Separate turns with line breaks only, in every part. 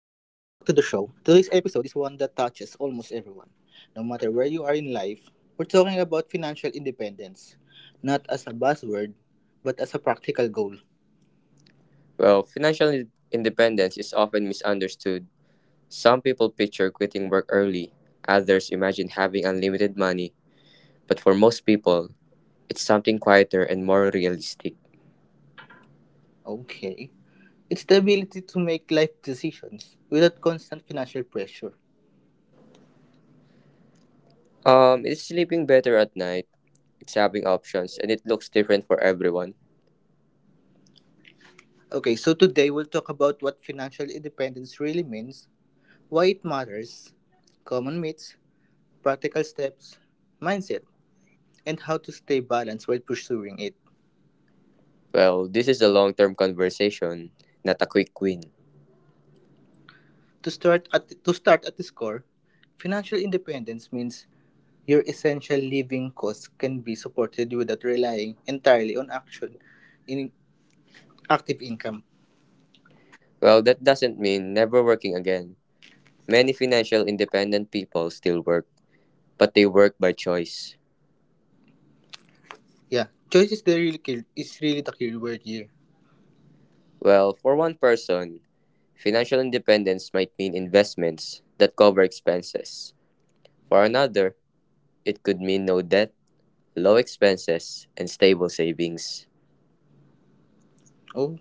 show. Today's episode is one that touches almost everyone. No matter where you are in life, we're talking about financial independence, not as a buzzword, but as a practical goal.
Well, financial independence is often misunderstood. Some people picture quitting work early, others imagine having unlimited money, but for most people, it's something quieter and more realistic.
Okay. It's the ability to make life decisions without constant financial pressure.
It's sleeping better at night, it's having options, and it looks different for everyone.
Okay, so today we'll talk about what financial independence really means, why it matters, common myths, practical steps, mindset, and how to stay balanced while pursuing it.
Well, this is a long term conversation, not a quick win.
To start at this core, financial independence means your essential living costs can be supported without relying entirely on action in active income.
Well, that doesn't mean never working again. Many financial independent people still work, but they work by choice.
Yeah, choice is the real key. Is really the key word here.
Well, for one person, financial independence might mean investments that cover expenses. For another, it could mean no debt, low expenses, and stable savings.
Oh,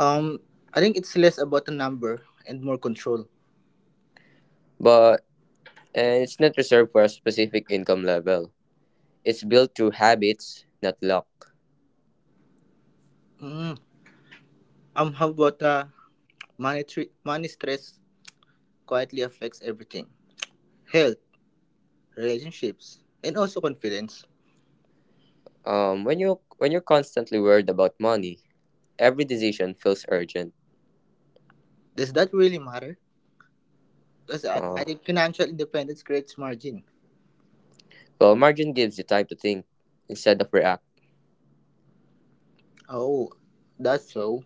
um, I think it's less about the number and more control.
But and it's not reserved for a specific income level. It's built through habits, not luck.
Mm. How about money stress quietly affects everything: health, relationships, and also confidence.
When you're constantly worried about money, every decision feels urgent.
Does that really matter? Because I
Uh,
think financial independence creates margin.
well, margin gives you time to think instead of react.
Oh, that's so.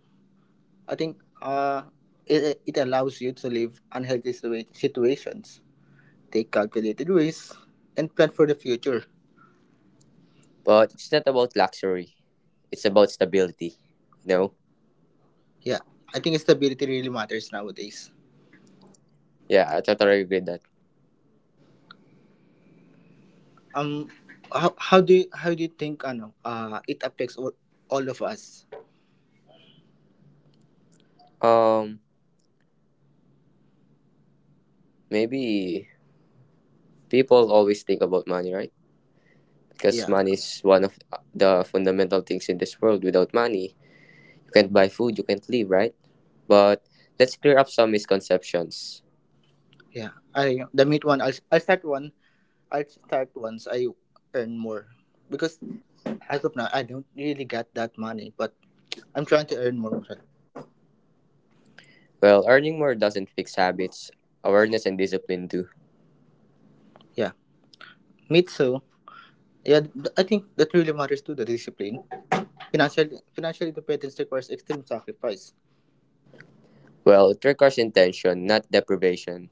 I think it allows you to leave situations, take calculated risks, and plan for the future.
But it's not about luxury. It's about stability. You know.
Yeah, I think stability really matters nowadays.
Yeah, I totally agree with that.
Um, how do you think it all of us?
Um, Maybe people always think about money, right? Because
Yeah,
money is one of the fundamental things in this world. Without money, you can't buy food, you can't live, right? But let's clear up some misconceptions.
yeah. I the meat one. I'll start one. I'll start once I earn more because as of now, I don't really get that money, but I'm trying to earn more. But
Well, earning more doesn't fix habits. Awareness and discipline do.
yeah, me too. Yeah, I think that really matters to the discipline. Financial financial independence requires extreme sacrifice.
Well, it requires intention, not deprivation.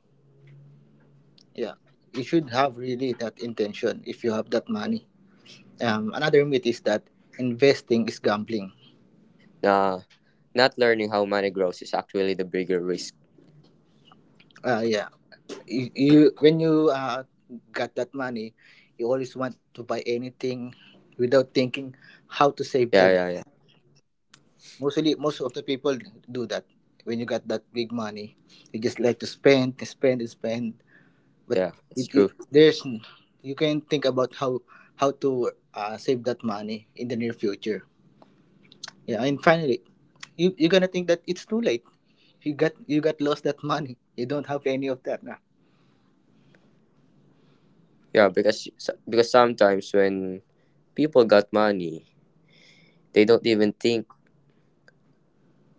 Yeah, you should have really that intention if you have that money. Another myth is that investing is gambling.
Nah, not learning how money grows is actually the bigger risk.
Yeah, you when you got that money, you always want to buy anything without thinking how to save
Yeah,
them.
yeah, yeah,
Mostly, most of the people do that. When you got that big money, you just like to spend, spend, spend. But
yeah. It's true.
there's you can think about how to save that money in the near future. Yeah, and finally, you're gonna think that it's too late. You got lost that money. You don't have any of that now.
Yeah, because sometimes when people got money, they don't even think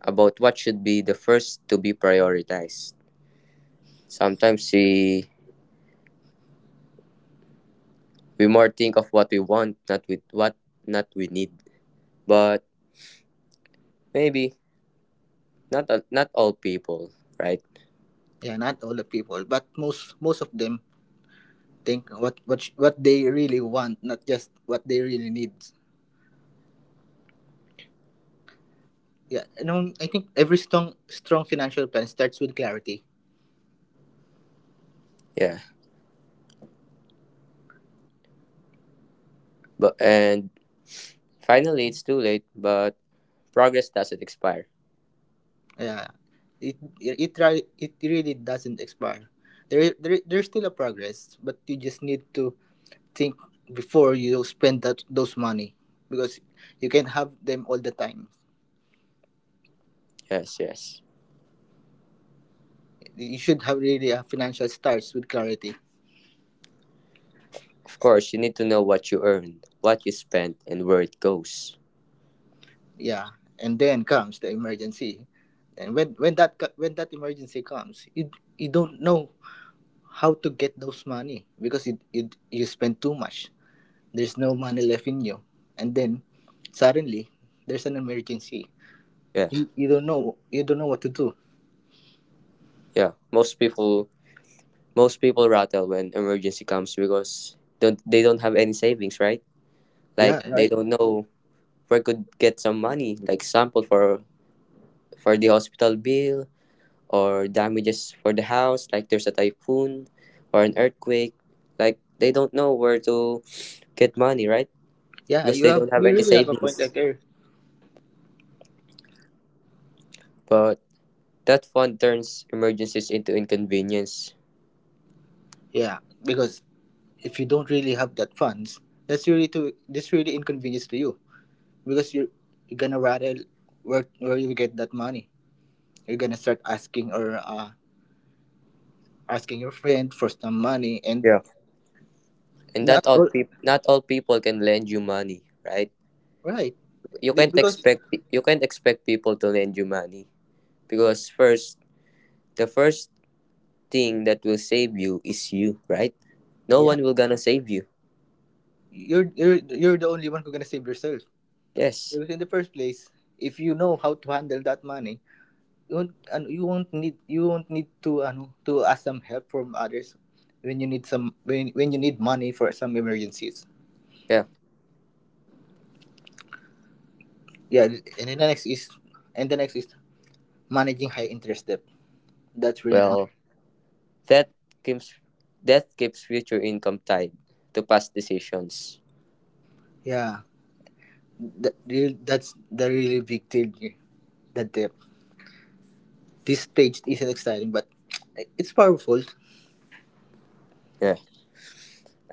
about what should be the first to be prioritized. Sometimes we more think of what we want, not with what not we need. But maybe not all people, right?
Yeah, not all the people, but most of them think what they really want, not just what they really need. Yeah, no, I think every strong financial plan starts with clarity.
Yeah. But and finally, it's too late. But progress doesn't expire.
Yeah, it really doesn't expire. There's still a progress, but you just need to think before you spend that those money because you can't have them all the time.
Yes, yes.
You should have really a financial starts with clarity.
Of course, you need to know what you earn, what you spend, and where it goes.
Yeah, and then comes the emergency, and when that emergency comes, you don't know how to get those money because it you spend too much. There's no money left in you, and then suddenly there's an emergency.
Yeah,
You don't know what to do.
yeah. Most people rattle when emergency comes because don't they don't have any savings, right?
Yeah,
Like they
right.
don't know where could get some money, like sample for the hospital bill or damages for the house, like there's a typhoon or an earthquake, like they don't know where to get money, right?
Yeah,
Because they don't have
you
any
really have a point
savings,
like there.
but that fund turns emergencies into inconvenience.
Yeah, because if you don't really have that funds, that's really inconvenience to you because you're gonna rather where you get that money. You're gonna start asking or asking your friend for some money and
Yeah, and
not all
not all people can lend you money, right?
right.
You
Be-
can't
because
expect you can't expect people to lend you money, because first the first thing that will save you is you, right? No
yeah,
one will gonna save you.
you're the only one who's gonna save yourself.
Yes.
Because in the first place, if you know how to handle that money, you won't need to ask some help from others when you need some when you need money for some emergencies.
Yeah.
Yeah, and the next is managing high interest debt. That's really ma-
Well, that keeps that keeps future income tied to past decisions.
yeah. That's the really big deal here. The debt. This stage isn't exciting, but it's powerful.
Yeah.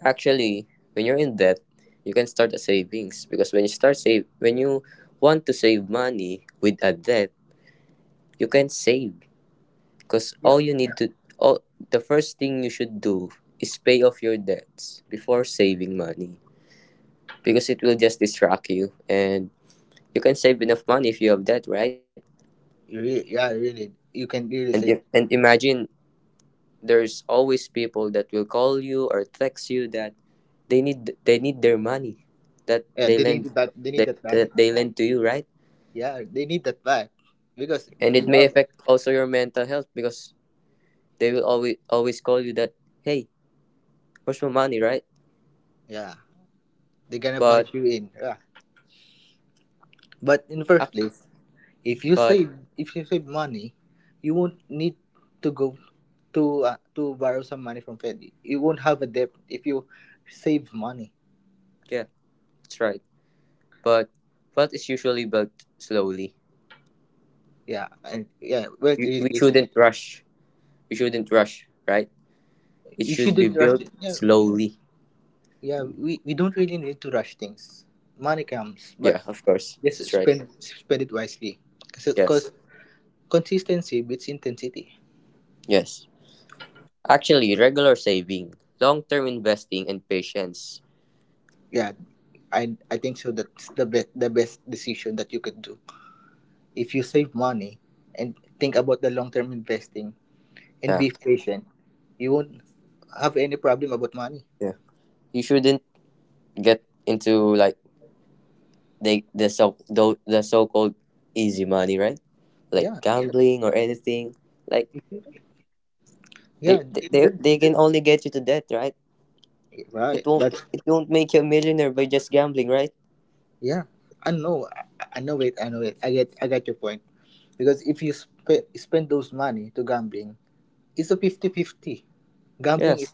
Actually, when you're in debt, you can start a savings, because when you want to save money with a debt, you can save because
Yeah,
all you need to all the first thing you should do is pay off your debts before saving money, because it will just distract you and you can save enough money if you have that, right?
you really, yeah, really. You can
And
really
if,
say
and imagine there's always people that will call you or text you that they need their money that
yeah.
they
They
lend
need that. They need
that,
that back.
that they lend to you, right?
Yeah, they need that vibe because
And it
you
may
have.
affect also your mental health because they will always always call you that, hey, where's my money, right?
Yeah, they're gonna
But
budge you in. Yeah. But in the first
ac-
place, if you
but
save if you save money, you won't need to go to borrow some money from Fed. You won't have a debt if you save money.
Yeah, that's right. But wealth is usually built slowly.
Yeah, and yeah, wealth really
We
is.
shouldn't rush. We shouldn't rush, right? It
You
should be
shouldn't rush.
built
It. Yeah,
slowly.
yeah. We don't really need to rush things. Money comes, but
Yeah, of course.
just
That's right.
spend it wisely.
Yes.
Because consistency beats intensity.
Yes. Actually, regular saving, long term investing, and patience.
Yeah, I think so. That's the best decision that you could do if you save money and think about the long term investing and
Yeah.
be patient. You won't have any problem about money.
Yeah. You shouldn't get into like the so called easy money, right? Like
Yeah,
gambling or anything. Like
yeah,
they, they they
that,
they can only get you to debt, right?
right, that's,
It won't make you a millionaire by just gambling, right?
yeah, I know I know it I know it. I get your point because if you spend those money to gambling. It's a 50-50. Gambling is
Yes.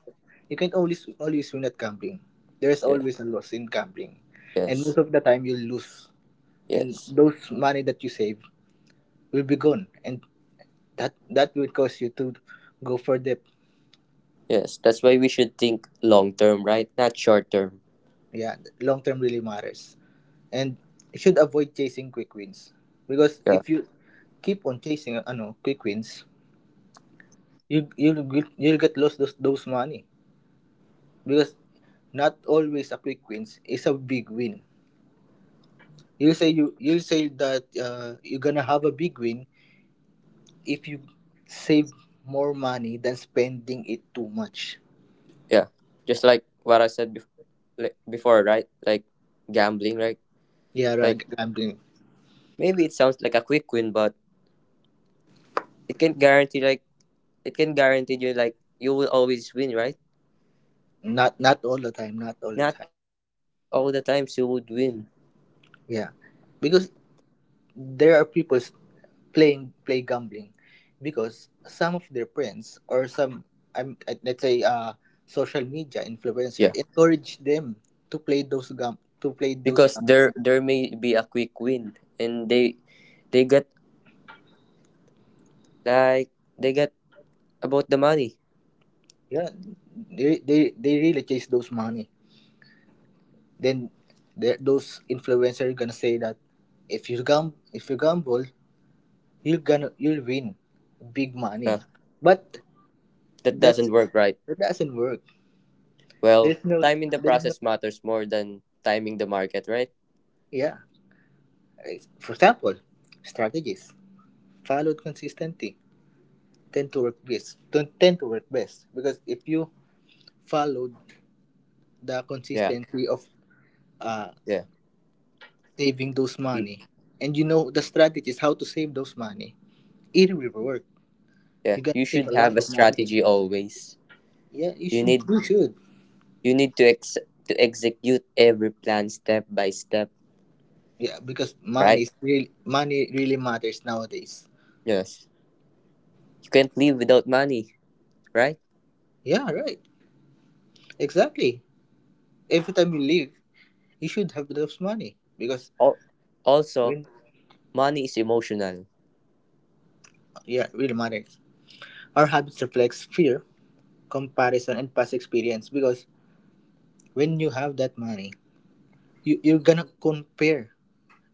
you can't always win at gambling. There's
Yeah.
always a loss in gambling. And
Yes.
most of the time you'll lose. And
Yes.
those money that you save will be gone. And that will cause you to go for debt.
Yes. That's why we should think long term, right? Not short term.
Yeah, long term really matters. And you should avoid chasing quick wins. Because
Yeah.
if you keep on chasing quick wins, you'll get lost those money. Because not always a quick wins is a big win. You'll say that you're gonna have a big win if you save more money than spending it too much.
Yeah, just like what I said like before, right? Like gambling, right?
Yeah,
Like
gambling.
maybe it sounds like a quick win, but it can guarantee, like it can guarantee you like you will always win, right?
Not all the time. Not all the time.
Not all the times you would win.
Yeah, because there are people play gambling because some of their friends or some I'm let's say social media influencer
Yeah,
encourage them to play those
because there
gambling.
there may be a quick win, and they get like they get about the money.
Yeah, they really chase those money. Then those influencers gonna say that if you gum if you gamble, you'll win big money,
Yeah,
but
that doesn't
that's
work, right?
that doesn't work.
Well,
there's no
time in the
there's no
process matters more than timing the market, right?
Yeah, for example, strategies followed consistently tend to work best because if you followed the
yeah
consistency of uh
yeah
saving those
Y-
money and you know the strategies how to save those money, it will work.
yeah,
You
you
gonna save
should
a
have
lot
a
of money.
strategy always.
Yeah, you
You
should.
need
You should.
you need to ex to execute every plan step by step,
Yeah, because money
right?
is real. Money really matters nowadays.
Yes. You can't live without money, right?
Yeah, right. Exactly. Every time you leave, you should have those money because
Al- Also,
when,
money is emotional.
yeah, it really matters. Our habits reflects fear, comparison, and past experience. Because when you have that money, you're gonna compare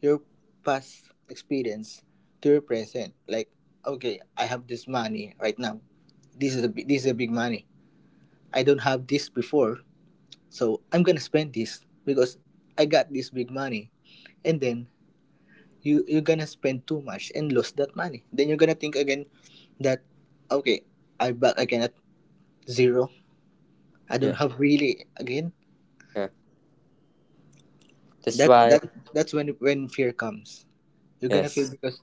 your past experience to your present. Like, okay, I have this money right now. This is a big money. I don't have this before. So I'm gonna spend this because I got this big money, and then you're gonna spend too much and lose that money. Then you're gonna think again that okay, I'm back again at zero. I don't
Yeah,
have really again.
yeah. That's
That
why
that that's when when fear comes. You're gonna feel
yes,
because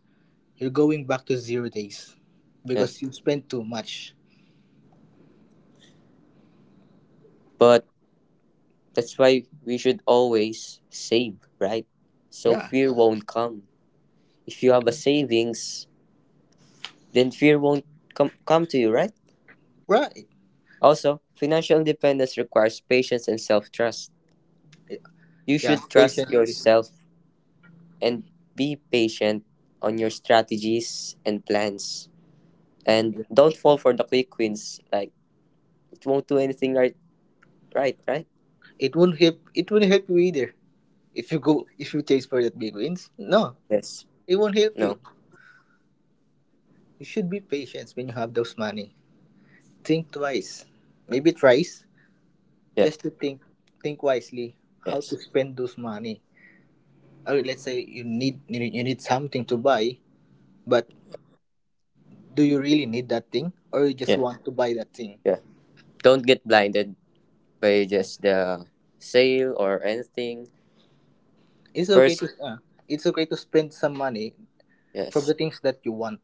you're going back to zero days because
yes.
you spent too much.
But that's why we should always save, right? So
Yeah,
fear won't come. If you have a savings, then fear won't come to you, right?
right.
Also, financial independence requires patience and self-trust. You
Yeah,
should trust
patience is-
yourself and be patient on your strategies and plans. And
Yeah.
don't fall for the quick wins. Like it won't do anything right?
It won't help. It won't help you either if you chase for that big wins. No,
Yes.
it won't
No.
help you. You should be patient when you have those money. Think twice, maybe thrice,
Yeah.
just to think wisely how to
Yes.
spend those money. Or let's say you need something to buy, but do you really need that thing, or you just
Yeah.
want to buy that thing?
Yeah. Don't get blinded by just the sale or anything.
It's okay
First
to uh, it's okay to spend some money from
yes.
the things that you want,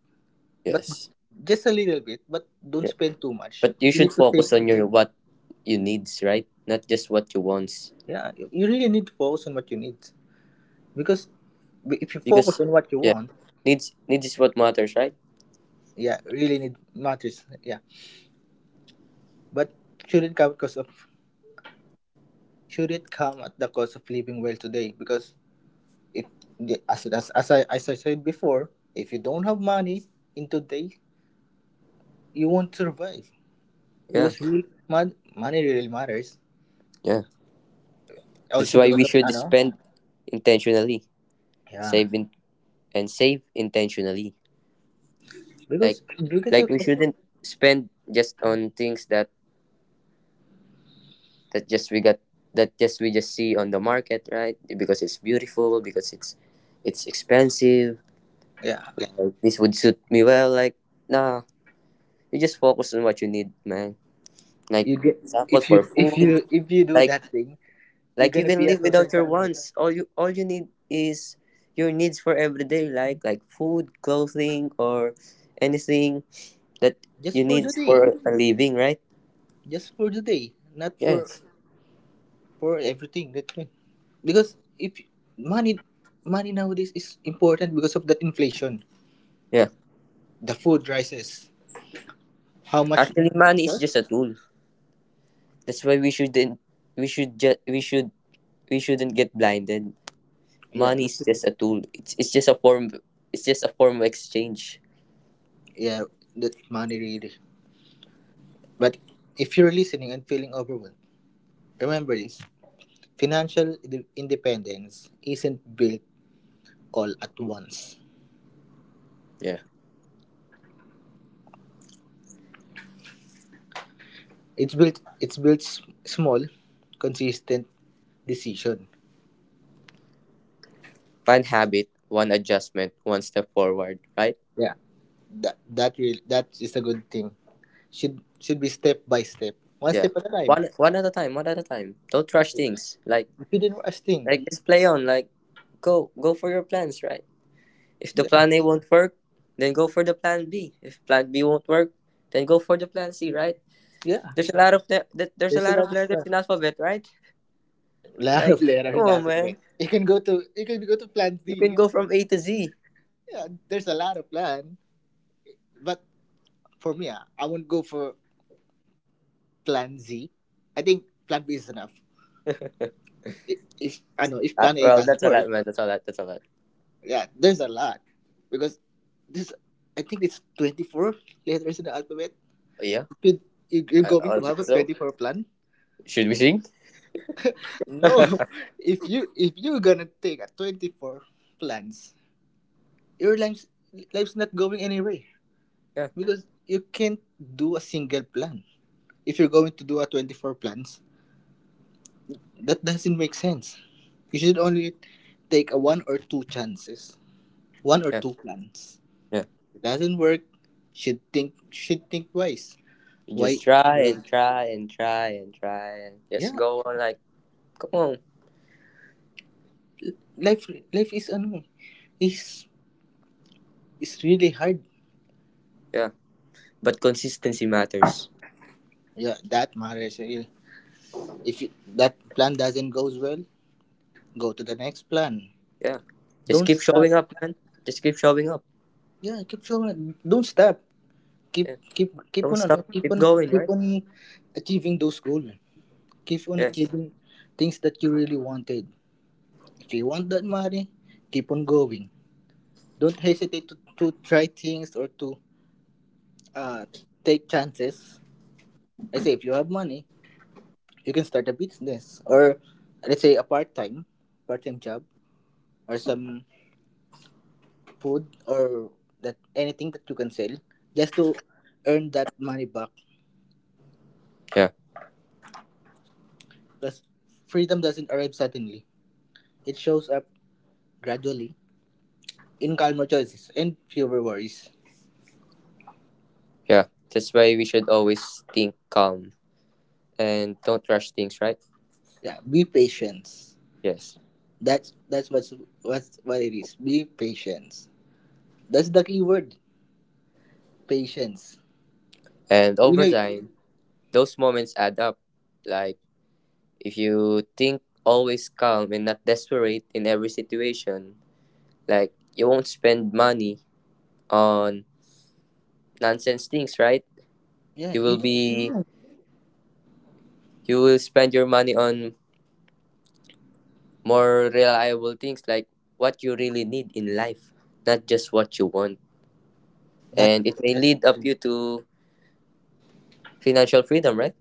but
Yes.
just a little bit. But don't
Yeah.
spend too much.
But you
You
should
need to save.
focus on
Too.
your what you needs, right? Not just what you wants.
Yeah, you really need to focus on what you need because if you focus
Because
on what you
yeah.
want,
Needs is what matters, right?
yeah, really need matters, yeah. But should it come because of should it come at the cost of living well today? Because if as I said before, if you don't have money in today, you won't survive
Yeah.
because money really matters.
Yeah. That's
Also,
why we
because of, I
should
know,
spend intentionally,
yeah,
save in, and save intentionally. Like
because
like
of
we shouldn't spend just on things that that just we got that just we just see on the market, right? Because it's beautiful, because it's expensive.
yeah
Like, this would suit me well. Like nah, you just focus on what you need, man. Like
you get.
example
If you
for
if
food.
you if you do
Like
that thing, you're
Like you
gonna
can
be a
live
social
without your
climber
wants. All you need is your needs for everyday, like food, clothing or anything that
just
you
for
need
the
for
day
a living, right?
just for the day, not
Yes.
for everything that, because if money money nowadays is important because of that inflation,
Yeah.
the food rises, how much it
Actually money is
costs?
just a tool. That's why we shouldn't we should just we should we shouldn't get blinded.
Yeah,
Money is just a tool. It's it's just a form of exchange.
yeah, that money really. But if you're listening and feeling overwhelmed, remember this: financial independence isn't built all at once.
Yeah.
It's built small, consistent decision.
One habit, one adjustment, one step forward, right?
Yeah, that is a good thing. Should be step by step, one
Yeah.
step at a time.
One one at a time, one at a time. Don't
Yeah.
rush things. Like
If you didn't watch thing,
Like just play on, like go for your plans, right? If the
yeah,
plan A won't work, then go for the plan B. If plan B won't work, then go for the plan C, right?
yeah.
There's a lot of le- th- there's a
There's a
lot
lot
of
of
letters
plan.
in alphabet, right?
lot
Like
of layer
come
in the
on,
alphabet.
man,
You can go to plan Z.
you can
Yeah,
go from A to Z.
yeah, there's a lot of plan, but for me, I won't go for plan Z. I think plan B is enough. If I know if plan
Well,
A
that's all
doesn't
that, man.
work,
That's all that. That's all that.
yeah, there's a lot because this I think it's 24 letters in the alphabet.
Yeah,
You you- You're going
I
to
think
have a
so.
24 plan.
Should we sing?
No,
Yeah,
if you if you're gonna take a 24 plans, your life's not going anywhere because you can't do a single plan. If you're going to do a 24 plans, that doesn't make sense. You should only take a one or two chances, one or
yeah,
two plans.
yeah.
If it doesn't work, should think twice.
You
Why?
just try
Because-
and try and just
yeah,
go on like, come on.
life is ano, is is really hard.
Yeah. But consistency matters.
Yeah, that matters really. If you, that plan doesn't goes well, go to the next plan.
Yeah. Just
Don't
keep
stop.
showing up, man. Just keep showing up.
Yeah, keep showing. Don't stop. Keep
Yeah.
keep keep
Don't
on
stop.
keep
Keep
on
going,
keep
right?
on achieving those goals. Keep on
Yeah.
achieving things that you really wanted. If you want that money, keep on going. Don't hesitate to try things or to uh take chances. I say if you have money, you can start a business or let's say a part time job or some food or that anything that you can sell just to earn that money back
Yeah.
because freedom doesn't arrive suddenly, it shows up gradually in calmer choices and fewer worries.
Yeah. That's why we should always think calm and don't rush things, right?
Yeah, be patient.
Yes.
That's what's what it is. Be patient, that's the key word, patience
And
you
over
know
time, those moments add up. Like if you think always calm and not desperate in every situation, like you won't spend money on nonsense things, right?
yeah,
You will
you.
be
Yeah.
you will spend your money on more reliable things like what you really need in life, not just what you want.
that
And it may
that
lead up you to financial freedom, right?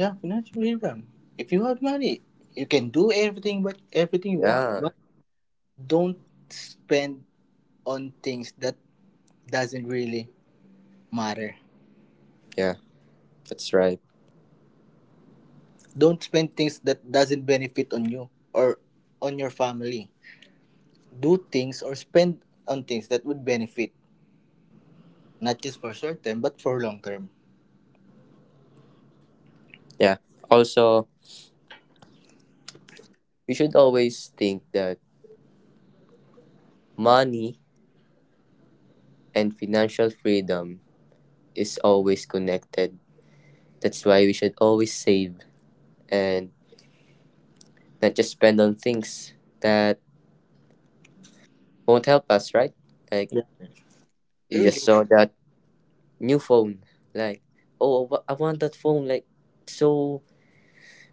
yeah, financial freedom. If you have money, you can do everything, but everything you want,
Yeah,
but don't spend on things that doesn't really matter.
yeah, that's right.
Don't spend things that doesn't benefit on you or on your family. Do things or spend on things that would benefit, not just for short term but for long term.
Yeah. Also, you should always think that money and financial freedom is always connected. That's why we should always save and not just spend on things that won't help us, right? Like
Yeah.
you just
Really,
saw that new phone, like oh, I want that phone, like so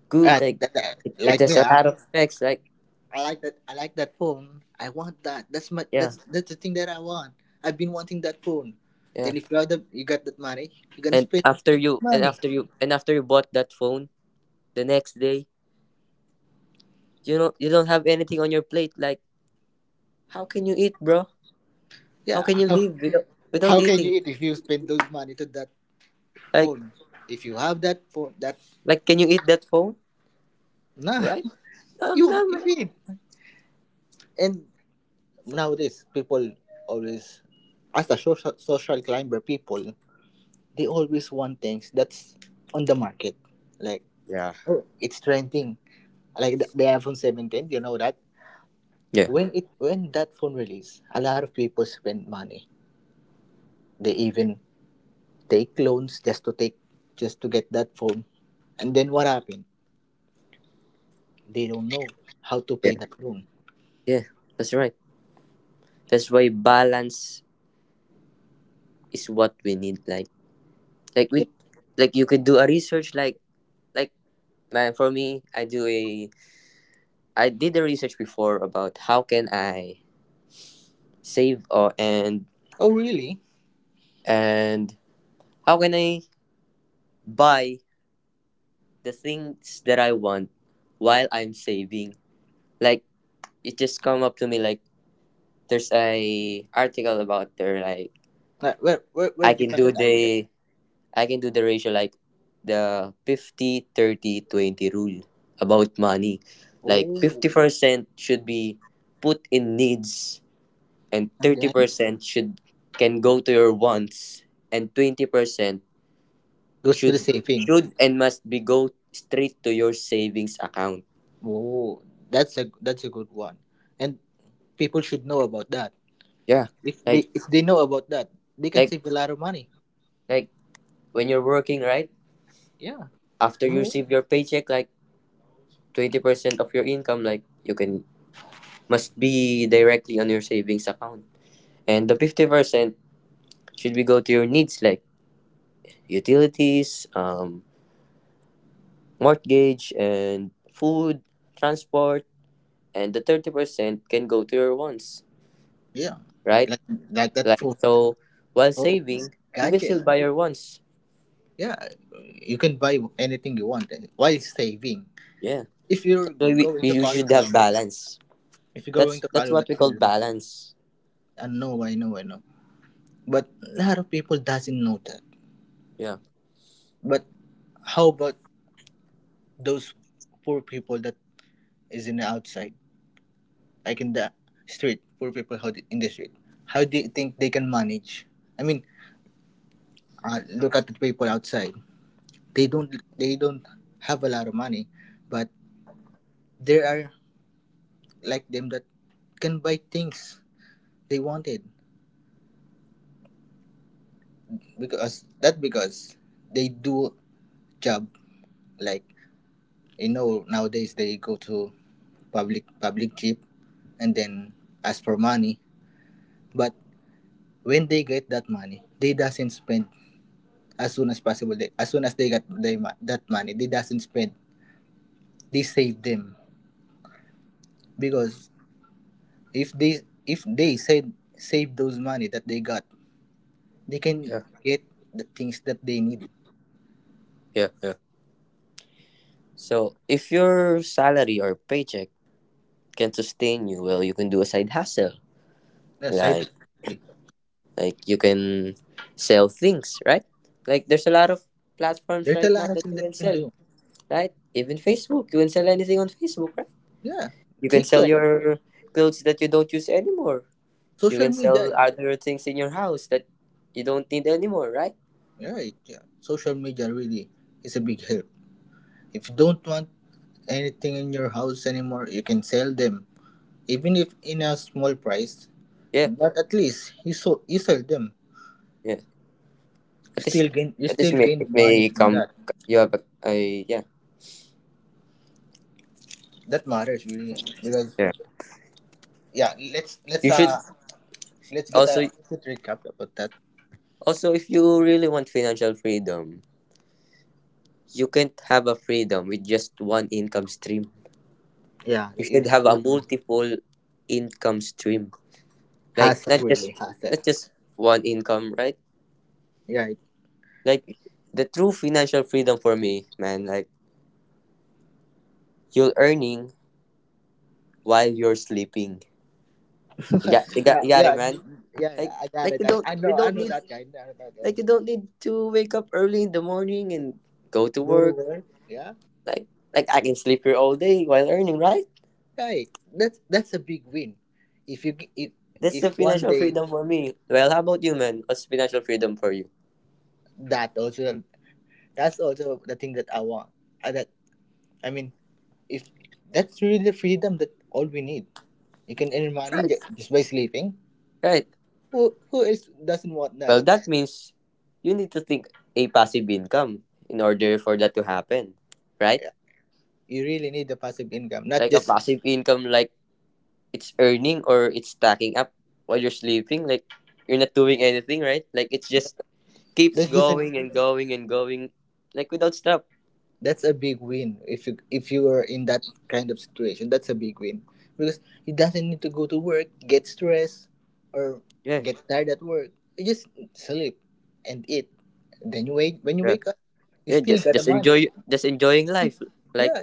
good like it
Like me,
has a lot of specs like
I like that. I like that phone. I want that. That's my.
yeah
That's the thing that I want. I've been wanting that phone.
yeah,
Then if you have you got that money, you're gonna
and
spend money.
after you bought that phone the next day, you know you don't have anything on your plate, like how can you eat, bro? How
Yeah.
can you
How,
live without, without
how can
eating,
you eat if you spend those money to that
like
phone. If you have that phone, that
like can you eat that phone,
nah,
right? No,
you
no,
you
man.
need. And nowadays, people always, as a social climber, people, they always want things that's on the market, like
yeah
oh, it's trending, like the iPhone 17. You know that
yeah
when that phone release, a lot of people spend money. They even take loans just to get that phone. And then what happened? They don't know how to
yeah
pay that loan.
yeah that's right. That's why balance is what we need, like
Yeah.
we you could do a research, like man for me I do a I did the research before about how can I save or
Oh, really?
and how can I buy the things that I want while I'm saving. Like it just come up to me, like there's a article about there, like
Where
I
did you
can
find
do
that article?
the I can do the ratio, like the 50-30-20 rule about money. Like
Oh,
50% should be put in needs and
and then
30% should can go to your wants and 20%
goes to the
should
saving.
should and must be go straight to your savings account.
Oh, that's a good one, and people should know about that.
Yeah,
If they
like
if they know about that, they can
like
save a lot of money.
like when you're working, right?
Yeah,
After
when you
you
work.
receive your paycheck, like 20% of your income, like you can must be directly on your savings account, and the 50% should be go to your needs like utilities, um, mortgage and food, transport, and the 30% can go to your wants,
Yeah,
right?
like like that
Like,
for
so while
phones,
saving, you can
gadget.
still buy your wants.
Yeah, you can buy anything you want, while saving.
Yeah.
If you're
That's why we,
going to
we we
follow
should
that,
have balance.
if you're going
That's
to
that's
follow
what we
that
call
rule,
balance.
I know, I know, I know. But a lot of people doesn't know that.
Yeah.
But how about those poor people that is in the outside, like in the street, poor people, in the street. How do you think they can manage? I mean, look at the people outside. They don't they don't have a lot of money, but there are like them that can buy things they wanted because they do job, like nowadays they go to public jeep and then ask for money. But when they get that money, they doesn't spend. As soon as possible, as soon as they got that money, they doesn't spend. They save them because if they if they save those money that they got, they can
Yeah.
get the things that they need.
Yeah. Yeah. So if your salary or paycheck can sustain you, well, you can do a side hustle.
Yeah, side
Like
hustle.
like you can sell things, right? Like, there's a lot of platforms
There's a
right now
lot of
that
things
you
that
can
you can
sell,
do.
right? Even Facebook, you can sell anything on Facebook, right?
Yeah,
You can sell
tiktok,
your clothes that you don't use anymore. You
social
can
media.
sell other things in your house that you don't need anymore, right?
Yeah, yeah, social media really is a big help. If you don't want anything in your house anymore, you can sell them even if in a small price.
Yeah,
But at least he so he sold them.
yeah. At least,
Still gain he still gained
it
money
may
from
come.
that.
You have a, yeah,
That matters really because
yeah.
yeah,
You should
let's get
also
a quick recap about that.
also if you really want financial freedom, you can't have a freedom with just one income stream.
Yeah,
You
it,
should have a
it
multiple income stream, like
hassle,
not just
really hassle.
not just one income, right?
Yeah,
Like, the true financial freedom for me, man. Like, you're earning while you're sleeping. You got you got
yeah,
you got it,
yeah,
man.
yeah, yeah.
Like
I got
like
it.
you don't
I
they
know, I
don't
know
need
that guy. I know that guy.
like you don't need to wake up early in the morning and go to
Go to
work.
work. Yeah,
Like like I can sleep here all day while earning, right?
right. That's a big win. If you g-
That's
if
the
one
financial
day
freedom for me. Well, how about you, man? What's financial freedom for you?
that also That's also the thing that I want. I, that I mean, if that's really the freedom that all we need. You can earn money
Right.
just by sleeping.
Right.
Who else doesn't want that?
Well, that means you need to think a passive income in order for that to happen, right?
Yeah, you really need the passive income, not
Like a
just
passive income, like it's earning or it's stacking up while you're sleeping, like you're not doing anything, right? Like it just keeps
that's just an,
going and going and going, like without stop.
that's a big win. If you are in that kind of situation, that's a big win because he doesn't need to go to work, get stressed, or
Yeah,
get tired at work. You just sleep and eat. Then you wake
yeah,
up, you
yeah,
still
just
got the
just
money.
enjoy just enjoying life, like,
Yeah,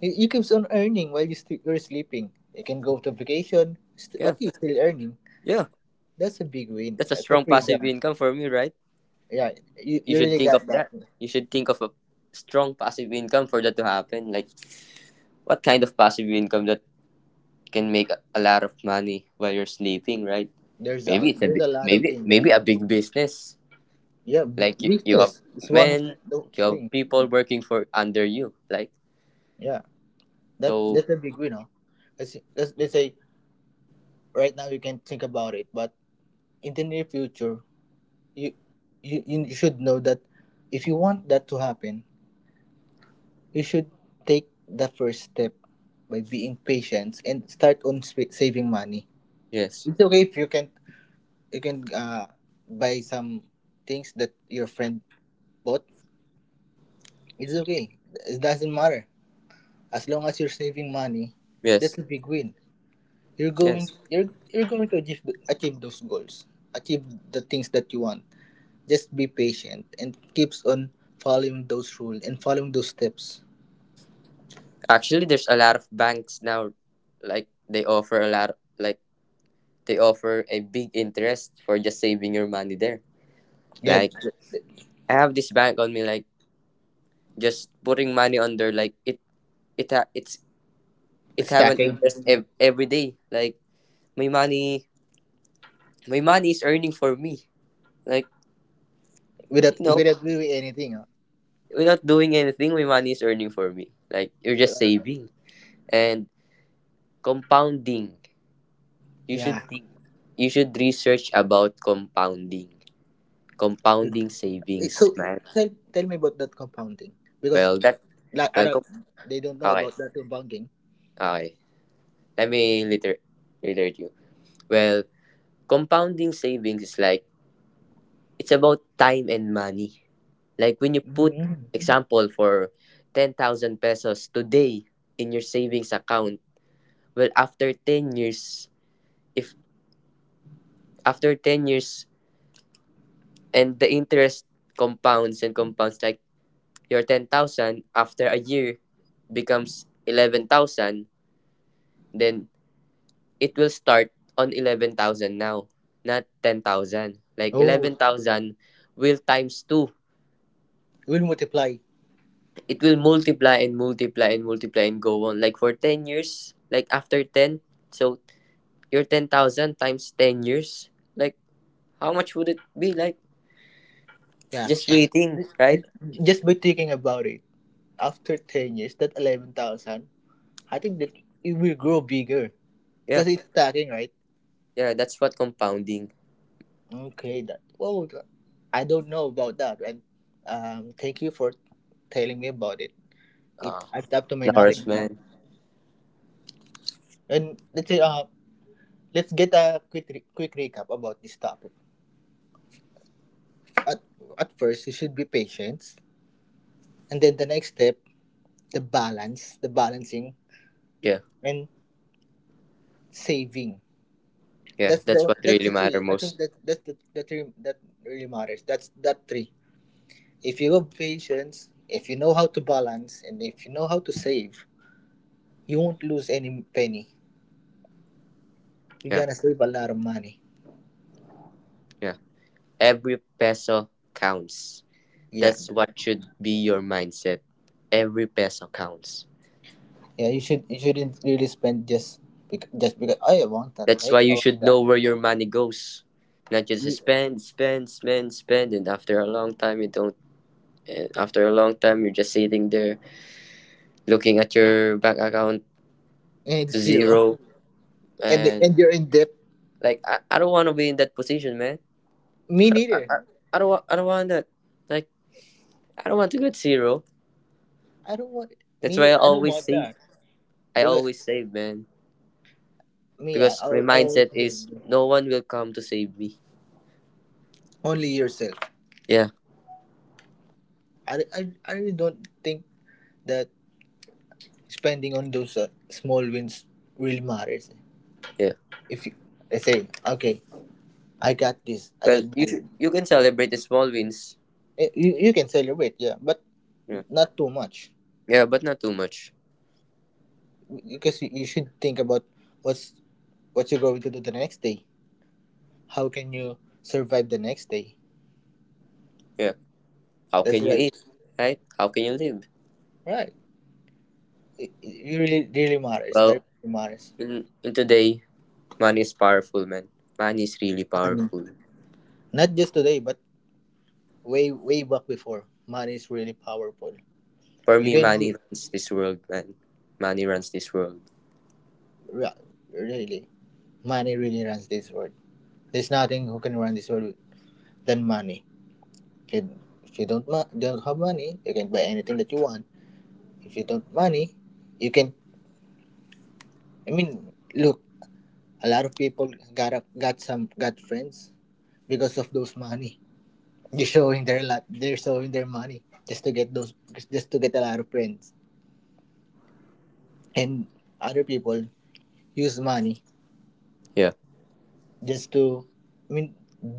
You keeps on earning while you're sleeping. You can go to vacation,
yeah,
but you're still earning.
yeah.
That's a big win.
That's a
That's a
strong passive
freedom.
income for me, right?
Yeah, you,
You
you
should
really
think of
got that.
that you should think of a strong passive income for that to happen. Like, what kind of passive income that can make a lot of money while you're sleeping, right?
There's
maybe
a
it's a
there's a
bi-
lot of
maybe
things. There's
maybe
a
a
lot.
big business.
Yeah,
Like, you have
business is one of
men
those
you have
things.
people working for under you, like,
Yeah, that
so,
that's a big win. Huh? Let's, let's say right now you can think about it, but in the near future, you you you should know that if you want that to happen, you should take the first step by being patient and start on saving money.
yes,
It's okay if you can buy some things that your friend bought. It's okay. It doesn't matter as long as you're saving money.
yes,
That's a big win. You're going
yes.
you're you're going to achieve those goals, achieve the things that you want. Just be patient and keeps on following those rules and following those steps.
Actually, there's a lot of banks now, like they offer a lot, like they offer a big interest for just saving your money there.
Yeah,
Like, I have this bank on me, like just putting money under, like it ha- it's
the
it have an
stacking,
interest every day. Like, my money my money is earning for me, like you
without
know
without doing anything. Huh?
Without doing anything, my money is earning for me, like, you're just saving. And compounding. You
Yeah.
should think you should research about compounding.
Good.
Compounding
Eh,
savings,
So
man.
tell, tell me about that compounding because
Well, that
like I
well,
don't
com-
they don't know
okay,
about that compounding.
okay. Let me literate you. Well, compounding savings is like, it's about time and money. Like, when you put
Mhm.
example for 10,000 pesos today in your savings account. Well, after 10 years, if after 10 years and the interest compounds and compounds, like your 10,000 after a year becomes 11,000. Then it will start on 11,000 now, not 10,000. Like,
Oh,
11,000 will times 2.
will multiply.
It will multiply and multiply and multiply and go on. Like for 10 years, like after 10, so your 10,000 times 10 years, like, how much would it be? Like,
Yeah.
just waiting, right?
Just by thinking about it, after 10 years, that 11,000, I think that it will grow bigger
Yeah.
because it's stacking, right?
Yeah, that's what compounding
Okay, that. Well, I don't know about that, and thank you for telling me about it. It
uh
adds up to my knowledge now.
nourishment.
And let's say, let's get a quick quick recap about this topic. At, at first, you should be patient, and then the next step, the balancing
Yeah,
and saving.
yeah,
That's
that's
the
what
that's
really
the
matter
three. I think
most.
that that's the three that really matters. That's that three. If you have patience, if you know how to balance, and if you know how to save, you won't lose any penny. You're
Yeah,
gonna save a lot of money.
yeah. Every peso counts.
Yeah,
That's what should be your mindset. Every peso counts.
yeah. You shouldn't really spend just just because I want that.
That's
Hey,
why
I
you
want
should
that
know where your money goes. Not just spend, spend, spend, spend, and after a long time you don't. And after a long time, you're just sitting there looking at your bank account
and it's zero,
zero,
and
and,
you're in debt.
like, I don't want to be in that position, man. I,
Me
don't- I,
neither.
I, I don't want that. Like, I don't want to get zero.
I don't want. It.
That's
Me
why I
neither. I don't
always
want
save.
that
I
because
always save, man.
me. I
Because
I
my
I always
mindset
say,
is no one will come to save me.
only yourself.
Yeah,
I really don't think that spending on those small wins really matters.
yeah.
If you I say okay, I got this. I got
Well,
this.
you can celebrate the small wins.
You can celebrate, yeah, but
Yeah,
not too much
yeah, but not too much.
because you should think about what's what you're going to do the next day. How can you survive the next day?
Yeah. How
That's
can you
right.
eat? Right? How can you live?
Right. It really matters. That
Well,
really matters.
in today, money is powerful, man. Money is really
And
powerful.
not just today, but way way back before. Money is really powerful.
For
You
me,
can be
money runs this world, man. Money runs this world.
ra- really money really runs this world. There's nothing who can run this world than money. If you don't have money, you can buy anything that you want. If you don't money, you can. I mean, look, a lot of people got up, got some got friends because of those money. They're showing their lot. They're showing their money just to get those, just to get a lot of friends. And other people use money
Yeah,
just I mean,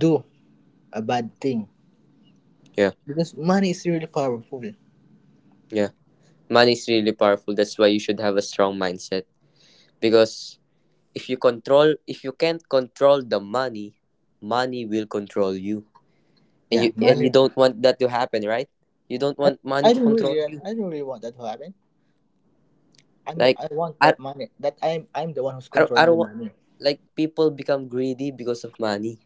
do a bad thing
yeah,
because money is really powerful.
yeah. Money is really powerful. That's why you should have a strong mindset, because if you can't control the money, money will control you, and
Yeah,
you
money.
don't want that to happen, right? You don't
I,
want money
I
to
don't
control
really,
you.
I don't really want that to happen.
Like,
I want
i
that money. I'm the one who's
I
controlling the
don't want,
money.
like, people become greedy because of money,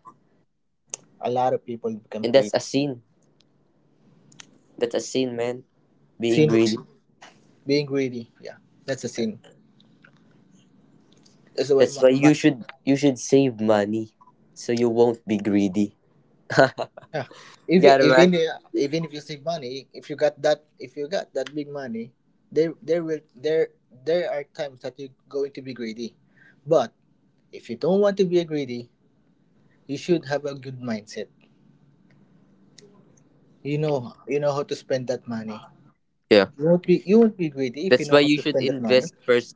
A lot of people become
and that's
greedy.
a sin. That's a sin, man, being
Sin,
greedy.
being greedy. Yeah, that's a sin. That's why
That's why you
money.
should save money so you won't be greedy.
Yeah.
Got it, man.
Even if you save money, if you got that big money, there will there there are times that you're going to be greedy. But if you don't want to be greedy, you should have a good mindset. You know how to spend that money.
Yeah,
You won't be greedy if you
that's
know
why
how
you
to
should
spend that money.
invest first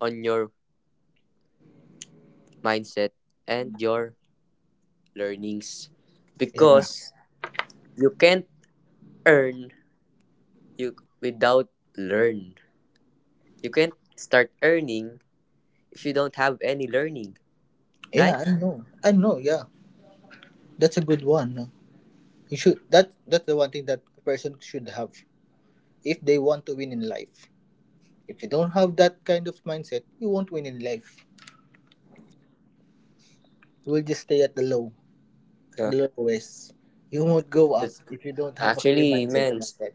on your mindset and your learnings,
Yeah.
because you can't earn, you without learn. You can't start earning if you don't have any learning,
Yeah,
right?
I know. I know, yeah. That's a good one. You should that that's the one thing that a person should have if they want to win in life. If you don't have that kind of mindset, you won't win in life. You will just stay at the low,
Yeah.
the lowest. You won't go up
It's
if you don't have a clear
actually
mindset
man
about that.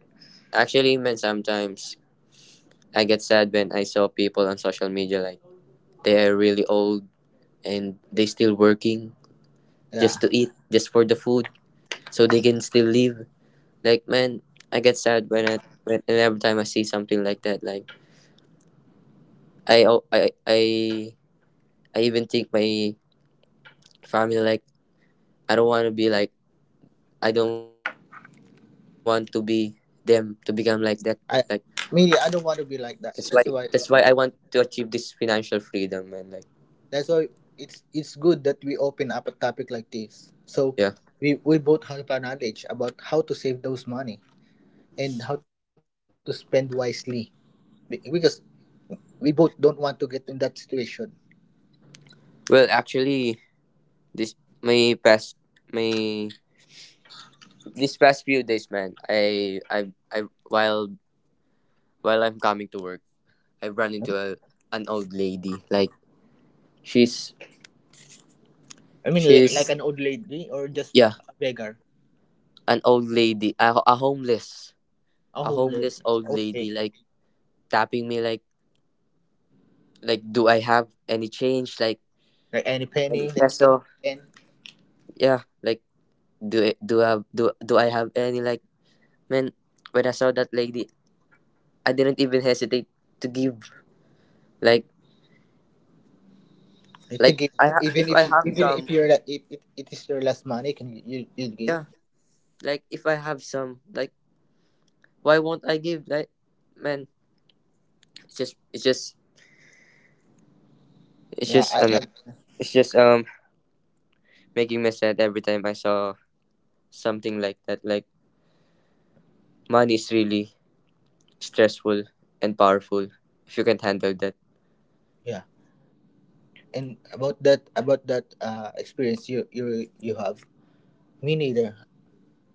actually, man, sometimes I get sad when I saw people on social media, like they are really old and they still working,
Yeah,
just to eat, just for the food. So they can still live. Like, man, I get sad when I when and every time I see something like that. Like, I al- I even think my family, like, I don't want to be like I don't want to be them to become like that. Like,
I, me, I
that's
don't
why
want to be like
that's
that.
why I
That's
want
why.
to achieve this financial freedom, and, like,
That's why it's good that we open up a topic like this. So
yeah.
we both have our knowledge about how to save those money and how to spend wisely. Because we both don't want to get in that situation.
Well, actually, this my past my this past few days, man. I while I'm coming to work, I run into a an old lady. Like, she's
Like
she's
an old lady or just
yeah,
a beggar,
an old lady,
a
a
homeless.
homeless old lady,
Okay,
like tapping me, like, do I have any change, like,
like any penny
any
that you
peso.
can
Yeah, like, do it. Do I do do I have any, like, man? When I saw that lady, I didn't even hesitate to give. Like
you to
like
give.
I ha-
Even
if
if
I
you-
have
even if
some,
you're la- if it is your last money, can you give?
yeah. Like, if I have some, like, why won't I give? Like, man, it's just it's just it's
Yeah,
just I don't
I
know, it's just making me sad every time I saw something like that. Like, money is really stressful and powerful if you can't handle that.
yeah. And about that experience you have, me neither.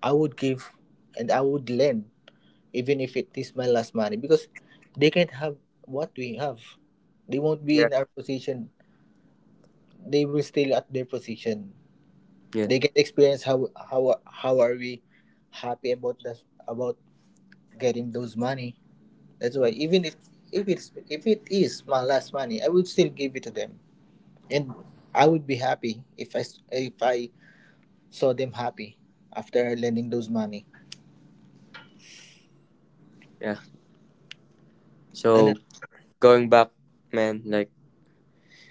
I would give, and I would lend, even if it is my last money, because they can't have what we have. They won't be
Yeah.
in our position. They will still at their position.
Yeah.
They get experience how are we happy about that, about getting those money. That's why even if it's if it is my last money, I would still give it to them, and I would be happy if I saw them happy after lending those money.
Yeah.
And
So, going back, man, like,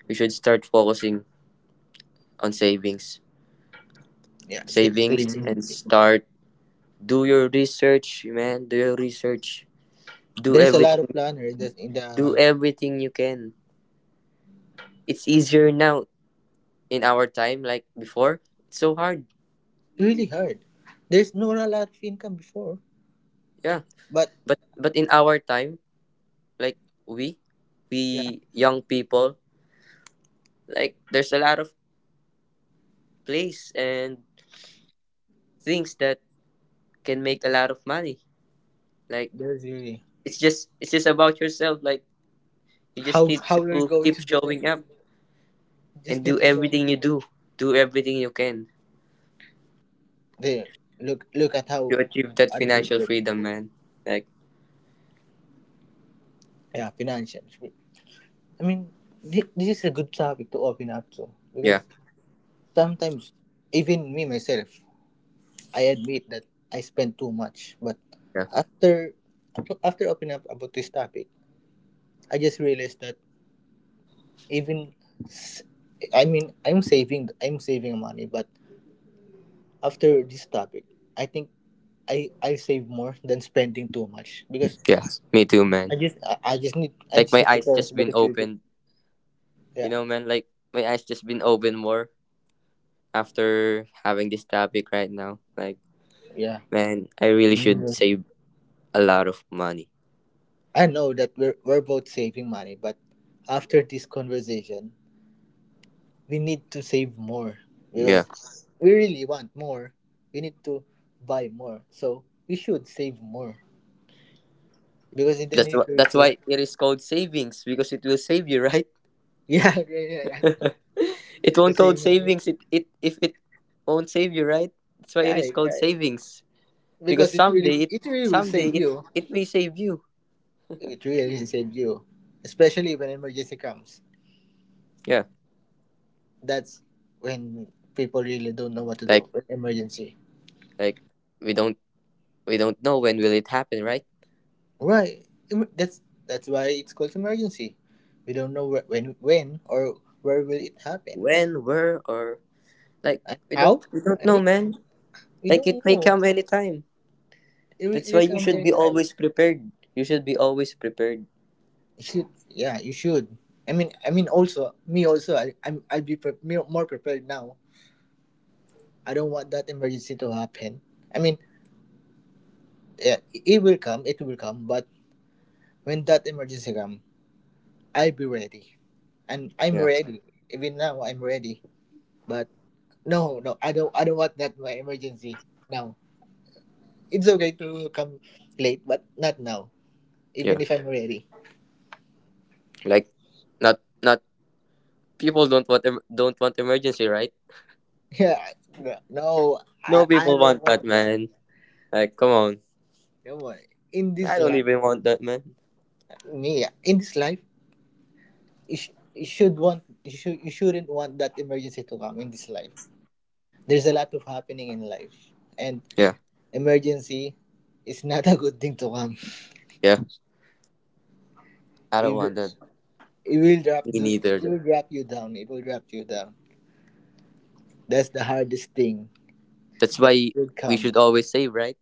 we should start focusing on savings. Savings.
saving,
And start, do your research, man. Do your research. Do
there's a lot of
everything.
planner in the in
Do
the
everything you can. It's easier now in our time like before. It's so hard.
really hard. There's not a lot of income before.
Yeah.
But
But in our time, like, we
yeah,
we young people, like, there's a lot of place and things that can make a lot of money. Like,
there's really
it's just about yourself. Like, you just
how
need
how we are
to
going
keep
to do it,
showing up and
just need
do
to show.
everything you do do everything you can
They look at how
to achieve that
other
financial
people,
freedom, man, like,
yeah, financials. I mean, this is a good topic to open up to
yeah,
because sometimes even me myself, I admit that I spend too much. But
yeah,
after after opening up about this topic, I just realized that even s- I mean I'm saving, I'm saving money, but after this topic, I think I save more than spending too much, because
yeah. Me too,
I
man.
just I just need I
Like,
just
my
need to
eyes
focus
just
about
been
the future.
opened,
Yeah,
man. Like, my eyes just been opened more after having this topic right now, like,
yeah.
man, I really should
Mm,
save a lot of money.
I know that we're both saving money, but after this conversation, we need to save more
Yeah,
because we really want more. We need to buy more. So we should save more because in the
that's
near
why that's
future,
why it is called savings, because it will save you, right?
yeah, yeah, yeah, yeah.
It
The
won't called
same money.
savings, it if it won't save you, right? That's why it is
Right,
called
right.
savings, because
Because it really,
someday it
it really will
someday
save
it
you.
it may save you.
It really will save you, especially when emergency comes.
Yeah,
That's when people really don't know what to do.
like
When emergency.
like we don't we don't know when will it happen, right?
Right. Em- That's that's why it's called emergency. We don't know where, when or where will it happen,
When, where, or, like,
and
we don't
how.
we don't
I
know,
think
man.
we
Like,
don't
it may
know.
come anytime.
It will,
That's why
it
you
will come
should be
anytime.
always prepared. You should be always prepared.
You should. Yeah, you should. I mean, also me also. I'll be pre- me- more prepared now. I don't want that emergency to happen. I mean, yeah, it will come. It will come. But when that emergency come, I'll be ready, and I'm
Yeah,
ready. Even now, I'm ready. But No, I don't want that. My emergency. No, it's okay to come late, but not now.
yeah.
Even if I'm ready.
Like, not not people don't want emergency, right?
Yeah. No, I,
No
I
people
don't
want that,
want that.
man. Like, come on,
Don't worry. In this
I don't
life,
even want that, man.
me yeah, in this life, you shouldn't want that emergency to come in this life. There's a lot of happening in life, and
Yeah,
emergency is not a good thing to come.
yeah. I don't want
It,
that.
it will drop
Me
do it
neither.
will drop you down. It will drop you down. That's the hardest thing
That's
that
why
will
we
come.
should always save, right?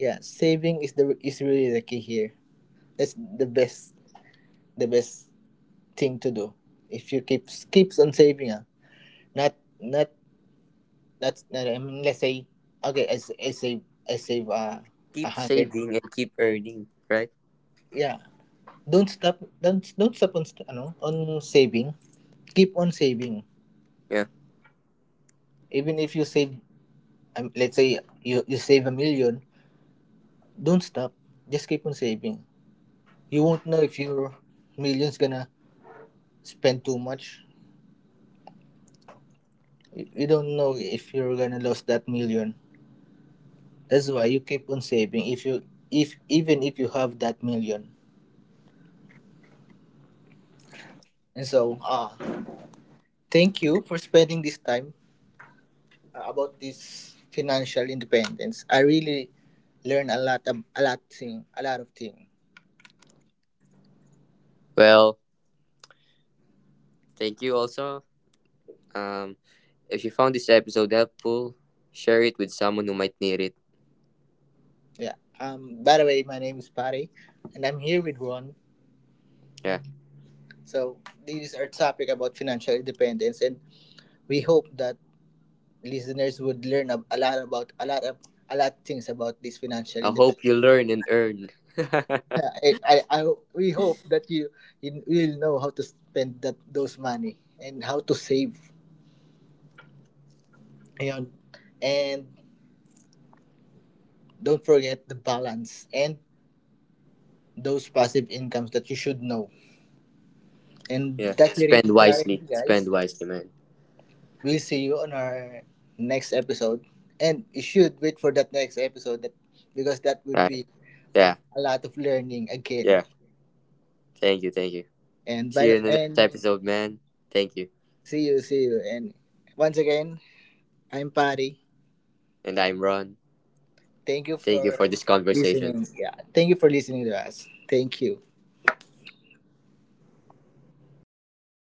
Yeah, saving is the is really the key here. That's the best, the best thing to do. If you keep keeps on saving, ah, not not that's not. I mean, let's say, okay, I save a
Keep
hundred.
saving and keep earning, right?
Yeah, don't stop. Don't stop on saving. Keep on saving.
Yeah.
Even if you save, let's say you save a million, don't stop. Just keep on saving. You won't know if your millions gonna spend too much. You don't know if you're gonna lose that million. That's why you keep on saving if you if even if you have that million. And so, thank you for spending this time about this financial independence. I really learned a lot of thing.
Well, thank you also. Um, if you found this episode helpful, share it with someone who might need it.
Yeah. Um, by the way, my name is Pari, and I'm here with Ron.
Yeah.
So this is our topic about financial independence, and we hope that listeners would learn a lot of a lot things about this financial
I
independence.
hope you learn and earn.
I We hope that you will know how to spend that those money and how to save. Ayun. And don't forget the balance and those passive incomes that you should know. And
Yeah.
that's
Spend
it,
wisely.
Maraming
Spend
guys.
wisely, man.
We'll see you on our next episode. And you should wait for that next episode, that because that would
Right.
be
Yeah.
a lot of learning again.
Yeah. Thank you. Thank you.
And
See
by
you in the next
and
episode, man. Thank you.
see you. And once again, I'm Patty.
And I'm Ron.
Thank you
Thank you for
for
this conversation.
listening. Yeah. Thank you for listening to us. Thank you.